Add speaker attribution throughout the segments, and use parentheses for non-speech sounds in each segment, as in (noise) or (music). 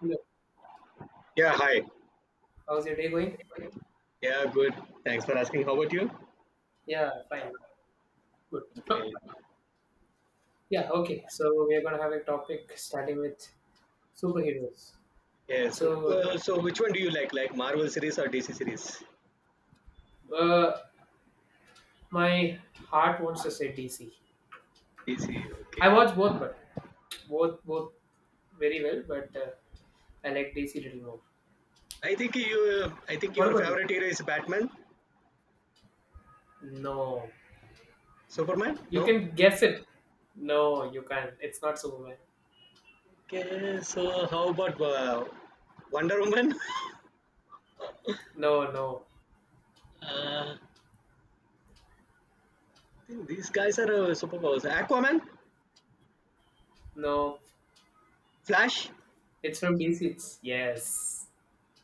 Speaker 1: Hello,
Speaker 2: Yeah, hi.
Speaker 1: how's your day going?
Speaker 2: Yeah, good. Thanks for asking. How about you?
Speaker 1: Yeah, fine, good. (laughs)
Speaker 2: Okay.
Speaker 1: Yeah, okay. So we are gonna have a topic starting with superheroes.
Speaker 2: Yeah, so,
Speaker 1: So,
Speaker 2: uh, so which one do you like? Like Marvel series or DC series?
Speaker 1: uh, my heart wants to say DC.
Speaker 2: DC.
Speaker 1: I
Speaker 2: Okay.
Speaker 1: watch both, but both very well, but I like DC little more.
Speaker 2: I think you. I think
Speaker 1: What
Speaker 2: your
Speaker 1: about you?
Speaker 2: favorite hero is Batman,
Speaker 1: No,
Speaker 2: Superman.
Speaker 1: you
Speaker 2: No.
Speaker 1: can guess it. No, you can't. It's not Superman.
Speaker 2: Okay. So how about Wonder Woman? (laughs)
Speaker 1: No, no,
Speaker 2: I think these guys are superpowers. Aquaman,
Speaker 1: no.
Speaker 2: Flash.
Speaker 1: It's from DC. It's yes,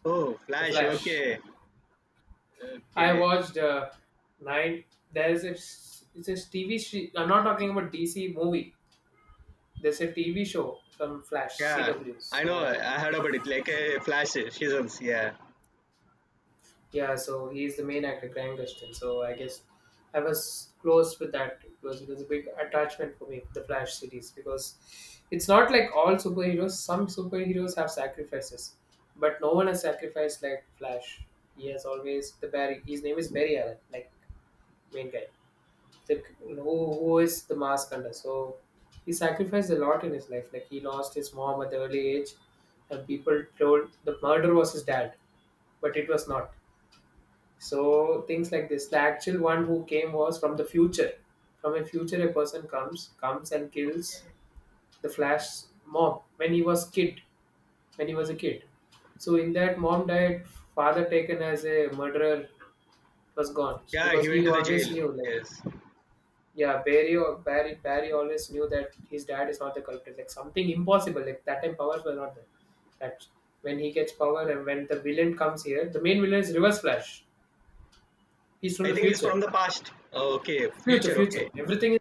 Speaker 2: Oh,
Speaker 1: the
Speaker 2: Flash.
Speaker 1: Flash.
Speaker 2: Okay.
Speaker 1: I
Speaker 2: Okay.
Speaker 1: watched nine. There's a it's a TV. I'm not talking about DC movie. There's a TV show from Flash
Speaker 2: Yeah,
Speaker 1: CW.
Speaker 2: I know.
Speaker 1: So
Speaker 2: I heard about it. Like Flash seasons. Yeah.
Speaker 1: yeah, so he's the main actor, Grant Gustin. So I guess I was close with that. It was a big attachment for me, the Flash series, because it's not like all superheroes. Some superheroes have sacrifices, but no one has sacrificed like Flash. He has always the Barry. His name is Barry Allen, like main guy, that who is the mask under. So he sacrificed a lot in his life. Like he lost his mom at the early age, and people told the murder was his dad, but it was not. So things like this. The actual one who came was from the future. From a future, a person comes and kills the Flash's mom when he was kid. When he was a kid. So in that, mom died. Father taken as a murderer was gone
Speaker 2: Yeah,
Speaker 1: because
Speaker 2: he went
Speaker 1: he
Speaker 2: to the
Speaker 1: always
Speaker 2: jail.
Speaker 1: knew like
Speaker 2: Yes.
Speaker 1: yeah, Barry or Barry always knew that his dad is not the culprit. Like something impossible. Like that time powers were not there. That when he gets power and when the villain comes here, the main villain is Reverse Flash. He's from
Speaker 2: I
Speaker 1: the
Speaker 2: think he's
Speaker 1: future.
Speaker 2: from the past. Oh, okay,
Speaker 1: Future,
Speaker 2: future. Okay.
Speaker 1: future. Everything is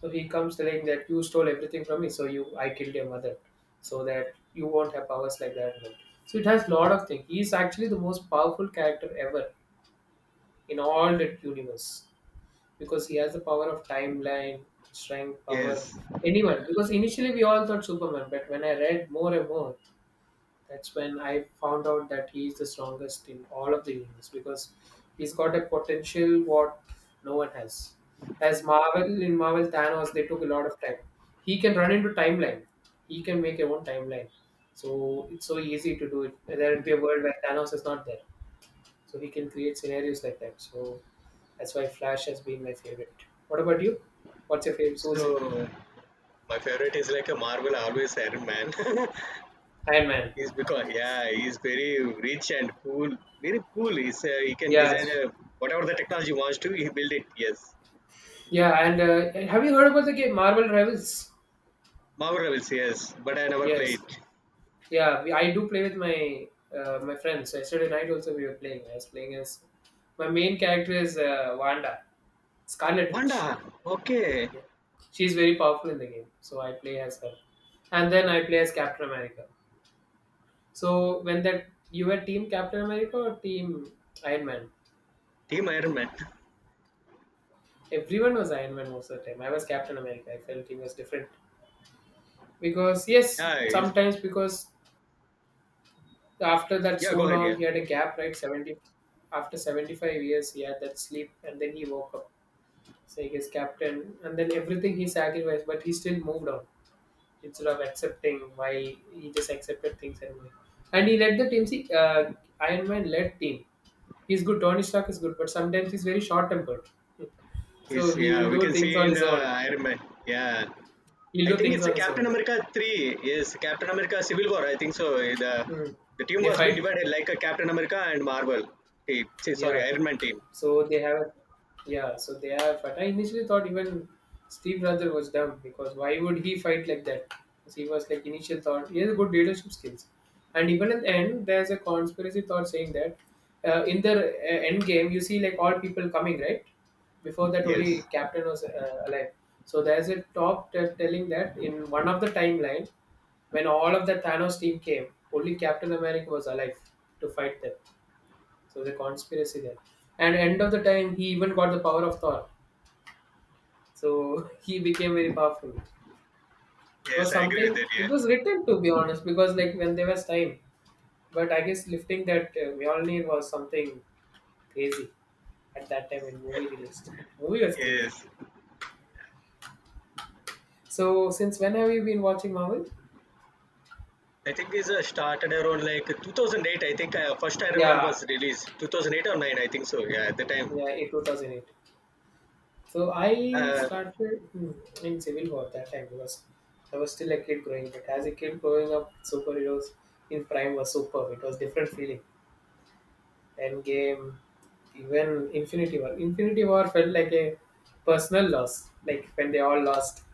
Speaker 1: so he comes telling that you stole everything from me, so you I killed your mother. So that you won't have powers like that. So it has lot of things. He's actually the most powerful character ever in all the universe, because he has the power of timeline, strength, power,
Speaker 2: Yes.
Speaker 1: anyone. Because initially we all thought Superman, but when I read more and more, that's when I found out that he is the strongest in all of the universe because he's got a potential what no one has. As Marvel in Marvel Thanos, they took a lot of time. He can run into timeline. He can make your own timeline. So it's so easy to do it. There will be a world where Thanos is not there. So we can create scenarios like that. So that's why Flash has been my favorite. What about you? What's your favorite? So what's your
Speaker 2: So my favorite is like a Marvel, always Iron Man. (laughs)
Speaker 1: Iron Man?
Speaker 2: He's because, yeah, he's very rich and cool. Very cool. He's he can design
Speaker 1: Yes.
Speaker 2: a, whatever the technology wants to. He build it. Yes.
Speaker 1: Yeah, and have you heard about the game Marvel Rivals?
Speaker 2: Marvel Rebels. Yes. But I never played.
Speaker 1: Yes. Yeah, I do play with my my friends. Yesterday night also we were playing. I was playing as my main character is Wanda, Scarlet
Speaker 2: Wanda.
Speaker 1: Witch.
Speaker 2: Okay.
Speaker 1: Yeah, she's very powerful in the game, so I play as her. And then I play as Captain America. So when that you were Team Captain America or Team Iron Man?
Speaker 2: Team Iron Man. (laughs)
Speaker 1: Everyone was Iron Man most of the time. I was Captain America. I felt he was different because yes,
Speaker 2: Yeah.
Speaker 1: sometimes because after that
Speaker 2: Yeah.
Speaker 1: so
Speaker 2: Go ahead.
Speaker 1: long
Speaker 2: Yeah.
Speaker 1: he had a gap, right? Seventy After 75 years he had that sleep and then he woke up, saying he's captain, and then everything he sacrificed, but he still moved on instead of accepting why he just accepted things anyway, and he led the team. See, Iron Man led team. He's good. Tony Stark is good, but sometimes he's very short tempered. So
Speaker 2: He's,
Speaker 1: he will
Speaker 2: yeah. We
Speaker 1: do
Speaker 2: can
Speaker 1: things
Speaker 2: see
Speaker 1: on
Speaker 2: in
Speaker 1: his
Speaker 2: the
Speaker 1: own.
Speaker 2: Iron Man. Yeah. I
Speaker 1: He'll do
Speaker 2: think
Speaker 1: things
Speaker 2: it's a
Speaker 1: on his
Speaker 2: Captain
Speaker 1: own.
Speaker 2: America three. Yes, Captain America Civil War, I think so. The
Speaker 1: Hmm.
Speaker 2: the team
Speaker 1: They
Speaker 2: was been
Speaker 1: fight.
Speaker 2: divided like a Captain America and Marvel team. See, sorry,
Speaker 1: Yeah.
Speaker 2: Iron Man team.
Speaker 1: So they have, yeah. So they have. But I initially thought even Steve Rogers was dumb because why would he fight like that? Because he was like initial thought. He has good leadership skills, and even at the end, there's a conspiracy thought saying that in the end game you see like all people coming right before that
Speaker 2: Yes,
Speaker 1: only Captain was alive. So there's a top that telling that in one of the timeline when all of the Thanos team came, only Captain America was alive to fight them. So the conspiracy there. And end of the time, he even got the power of Thor. So (laughs) he became very powerful. It was
Speaker 2: yes, I agree with
Speaker 1: something.
Speaker 2: that.
Speaker 1: It
Speaker 2: Yeah,
Speaker 1: was written to be honest, because like when there was time, but I guess lifting that Mjolnir was something crazy at that time when movie released. Movie was crazy.
Speaker 2: yes.
Speaker 1: So since when have you been watching Marvel?
Speaker 2: I think this started around like 2008. I think first Iron Man
Speaker 1: Yeah,
Speaker 2: was released 2008 or nine, I think so. Yeah, at the time.
Speaker 1: yeah, in 2008. So I
Speaker 2: Uh,
Speaker 1: started hmm, in Civil War that time because I was still a kid growing. But as a kid growing up, superheroes in Prime was superb. It was different feeling. Endgame, even Infinity War. Infinity War felt like a personal loss. Like when they all lost.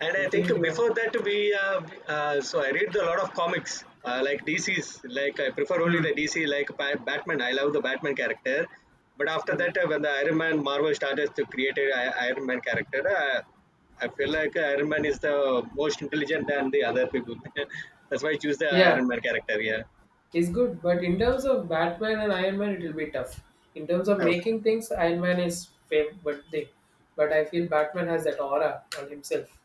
Speaker 2: And I think
Speaker 1: Infinity War.
Speaker 2: before that we so I read a lot of comics like DC's. Like I prefer only the
Speaker 1: Hmm.
Speaker 2: DC, like Batman. I love the Batman character, but after
Speaker 1: Hmm.
Speaker 2: that when the Iron Man Marvel started to create a Iron Man character, I feel like Iron Man is the most intelligent than the other people. (laughs) That's why I choose the
Speaker 1: Yeah,
Speaker 2: Iron Man character.
Speaker 1: it's good. But in terms of Batman and Iron Man, it will be tough. In terms of
Speaker 2: Yeah.
Speaker 1: making things, Iron Man is fame, but they. But I feel Batman has that aura on himself.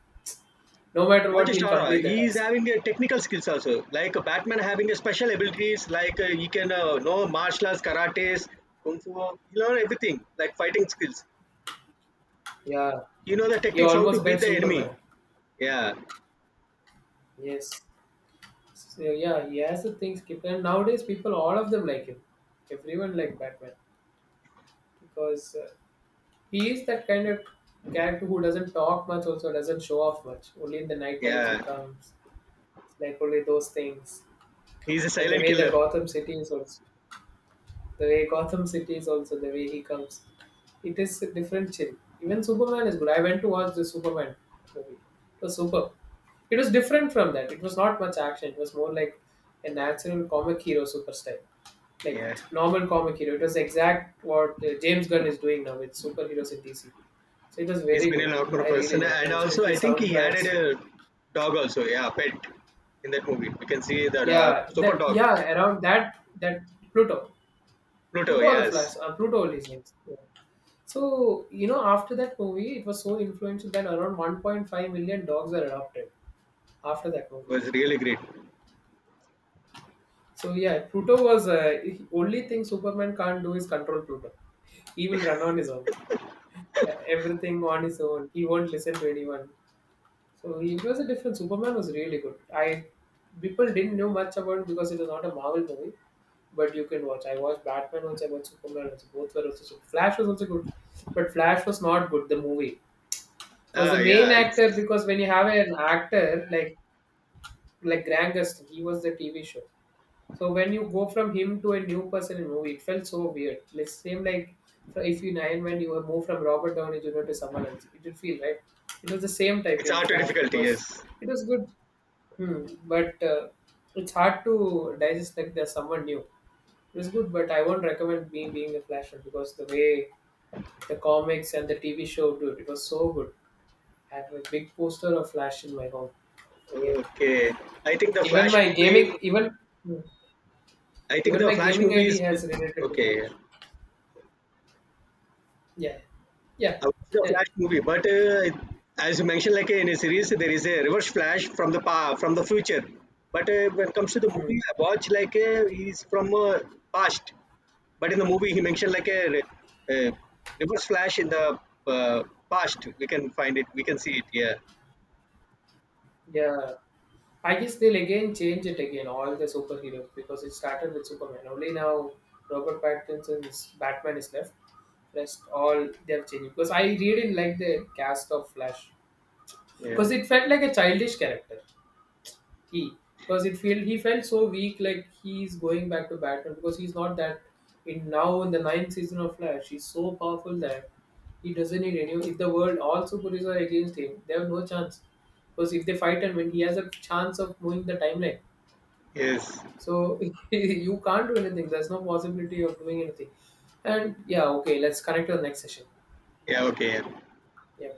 Speaker 1: No matter
Speaker 2: Not
Speaker 1: what,
Speaker 2: just
Speaker 1: he'll
Speaker 2: aura,
Speaker 1: complete the
Speaker 2: he is
Speaker 1: task.
Speaker 2: having a technical skills also. Like Batman having a special abilities, like he can know martial arts, karates, kung fu. He learn everything, like fighting skills.
Speaker 1: Yeah,
Speaker 2: He know the
Speaker 1: he
Speaker 2: techniques how
Speaker 1: almost
Speaker 2: to
Speaker 1: bet
Speaker 2: beat the enemy.
Speaker 1: Superman.
Speaker 2: Yeah,
Speaker 1: Yes. So, yeah, he has the things kept. And nowadays, people, all of them like him. Everyone like Batman because he is that kind of character who doesn't talk much, also doesn't show off much. Only in the night times he
Speaker 2: yeah.
Speaker 1: comes. It's like only those things,
Speaker 2: He's a
Speaker 1: and the
Speaker 2: silent
Speaker 1: way the
Speaker 2: killer.
Speaker 1: Gotham City is also the way Gotham City is also the way he comes. It is a different chill. Even Superman is good. I went to watch the Superman movie. It was superb. It was different from that. It was not much action. It was more like a natural comic hero super style. Like
Speaker 2: Yeah,
Speaker 1: normal comic hero. It was exact what James Gunn is doing now with superheroes in DC. So it was
Speaker 2: he's
Speaker 1: very
Speaker 2: been a
Speaker 1: good.
Speaker 2: normal
Speaker 1: I really
Speaker 2: person,
Speaker 1: liked it.
Speaker 2: and
Speaker 1: And
Speaker 2: also
Speaker 1: especially
Speaker 2: I think he added
Speaker 1: soundtracks.
Speaker 2: a dog also. Yeah, pet in that movie. We can see that
Speaker 1: Yeah,
Speaker 2: super
Speaker 1: that
Speaker 2: dog
Speaker 1: yeah, around that Pluto.
Speaker 2: Pluto.
Speaker 1: Pluto or the
Speaker 2: Yes,
Speaker 1: Flash. Pluto only is next. Yeah. So, you know, after that movie, it was so influential that around 1.5 million dogs were adopted after that
Speaker 2: it
Speaker 1: movie.
Speaker 2: was really great.
Speaker 1: So, yeah, Pluto was only thing Superman can't do is control Pluto. He will run on his own, everything on his own. He won't listen to anyone. So, he was a different Superman was really good. I people didn't know much about it because it was not a Marvel movie, but you can watch. I watched Batman once, I watched Superman once. Both were also so Flash was also good, but Flash was not good. The movie because the
Speaker 2: Ah,
Speaker 1: main
Speaker 2: yeah.
Speaker 1: actor,
Speaker 2: It's
Speaker 1: because when you have an actor like Grant Gustin, he was the TV show. So when you go from him to a new person in movie, it felt so weird. Like same like if you nine when you move from Robert Downey Jr. to someone else, it did feel right. It was the same type
Speaker 2: it's
Speaker 1: in
Speaker 2: art
Speaker 1: Flash
Speaker 2: difficulty.
Speaker 1: because
Speaker 2: Yes.
Speaker 1: it was good, but it's hard to digest like there's someone new. It was good, but I won't recommend me being a Flash fan because the way the comics and the TV show, dude, it was so good. I have a big poster of Flash in my home. Yeah.
Speaker 2: Okay. I think the
Speaker 1: Even
Speaker 2: Flash
Speaker 1: my
Speaker 2: movie.
Speaker 1: gaming even
Speaker 2: I think
Speaker 1: even
Speaker 2: the
Speaker 1: my
Speaker 2: Flash
Speaker 1: gaming
Speaker 2: movie
Speaker 1: ID
Speaker 2: is
Speaker 1: has related to
Speaker 2: okay. I
Speaker 1: Flash. Yeah. Yeah.
Speaker 2: watched the
Speaker 1: Yeah.
Speaker 2: Flash movie, but as you mentioned, like in a series, there is a reverse Flash from the pa from the future. But when it comes to the
Speaker 1: Mm.
Speaker 2: movie, I watch like he's from past. But in the movie, he mentioned like a reverse Flash in the uh, past. We can find it. We can see it. Yeah.
Speaker 1: Yeah. I guess they'll again change it again, all the superheroes, because it started with Superman. Only now Robert Pattinson's Batman is left. Rest all they have changed. Because I really didn't like the cast of Flash. Because
Speaker 2: Yeah.
Speaker 1: it felt like a childish character. He because it felt he felt so weak, like he's going back to Batman because he's not that. In now in the ninth season of Flash, he's so powerful that he doesn't need anyone. If the world all superheroes are against him, they have no chance. Because if they fight and win, he has a chance of moving the timeline.
Speaker 2: Yes.
Speaker 1: So (laughs) you can't do anything. There's no possibility of doing anything. And yeah, okay, let's connect to the next session.
Speaker 2: Yeah. Okay.
Speaker 1: Yeah.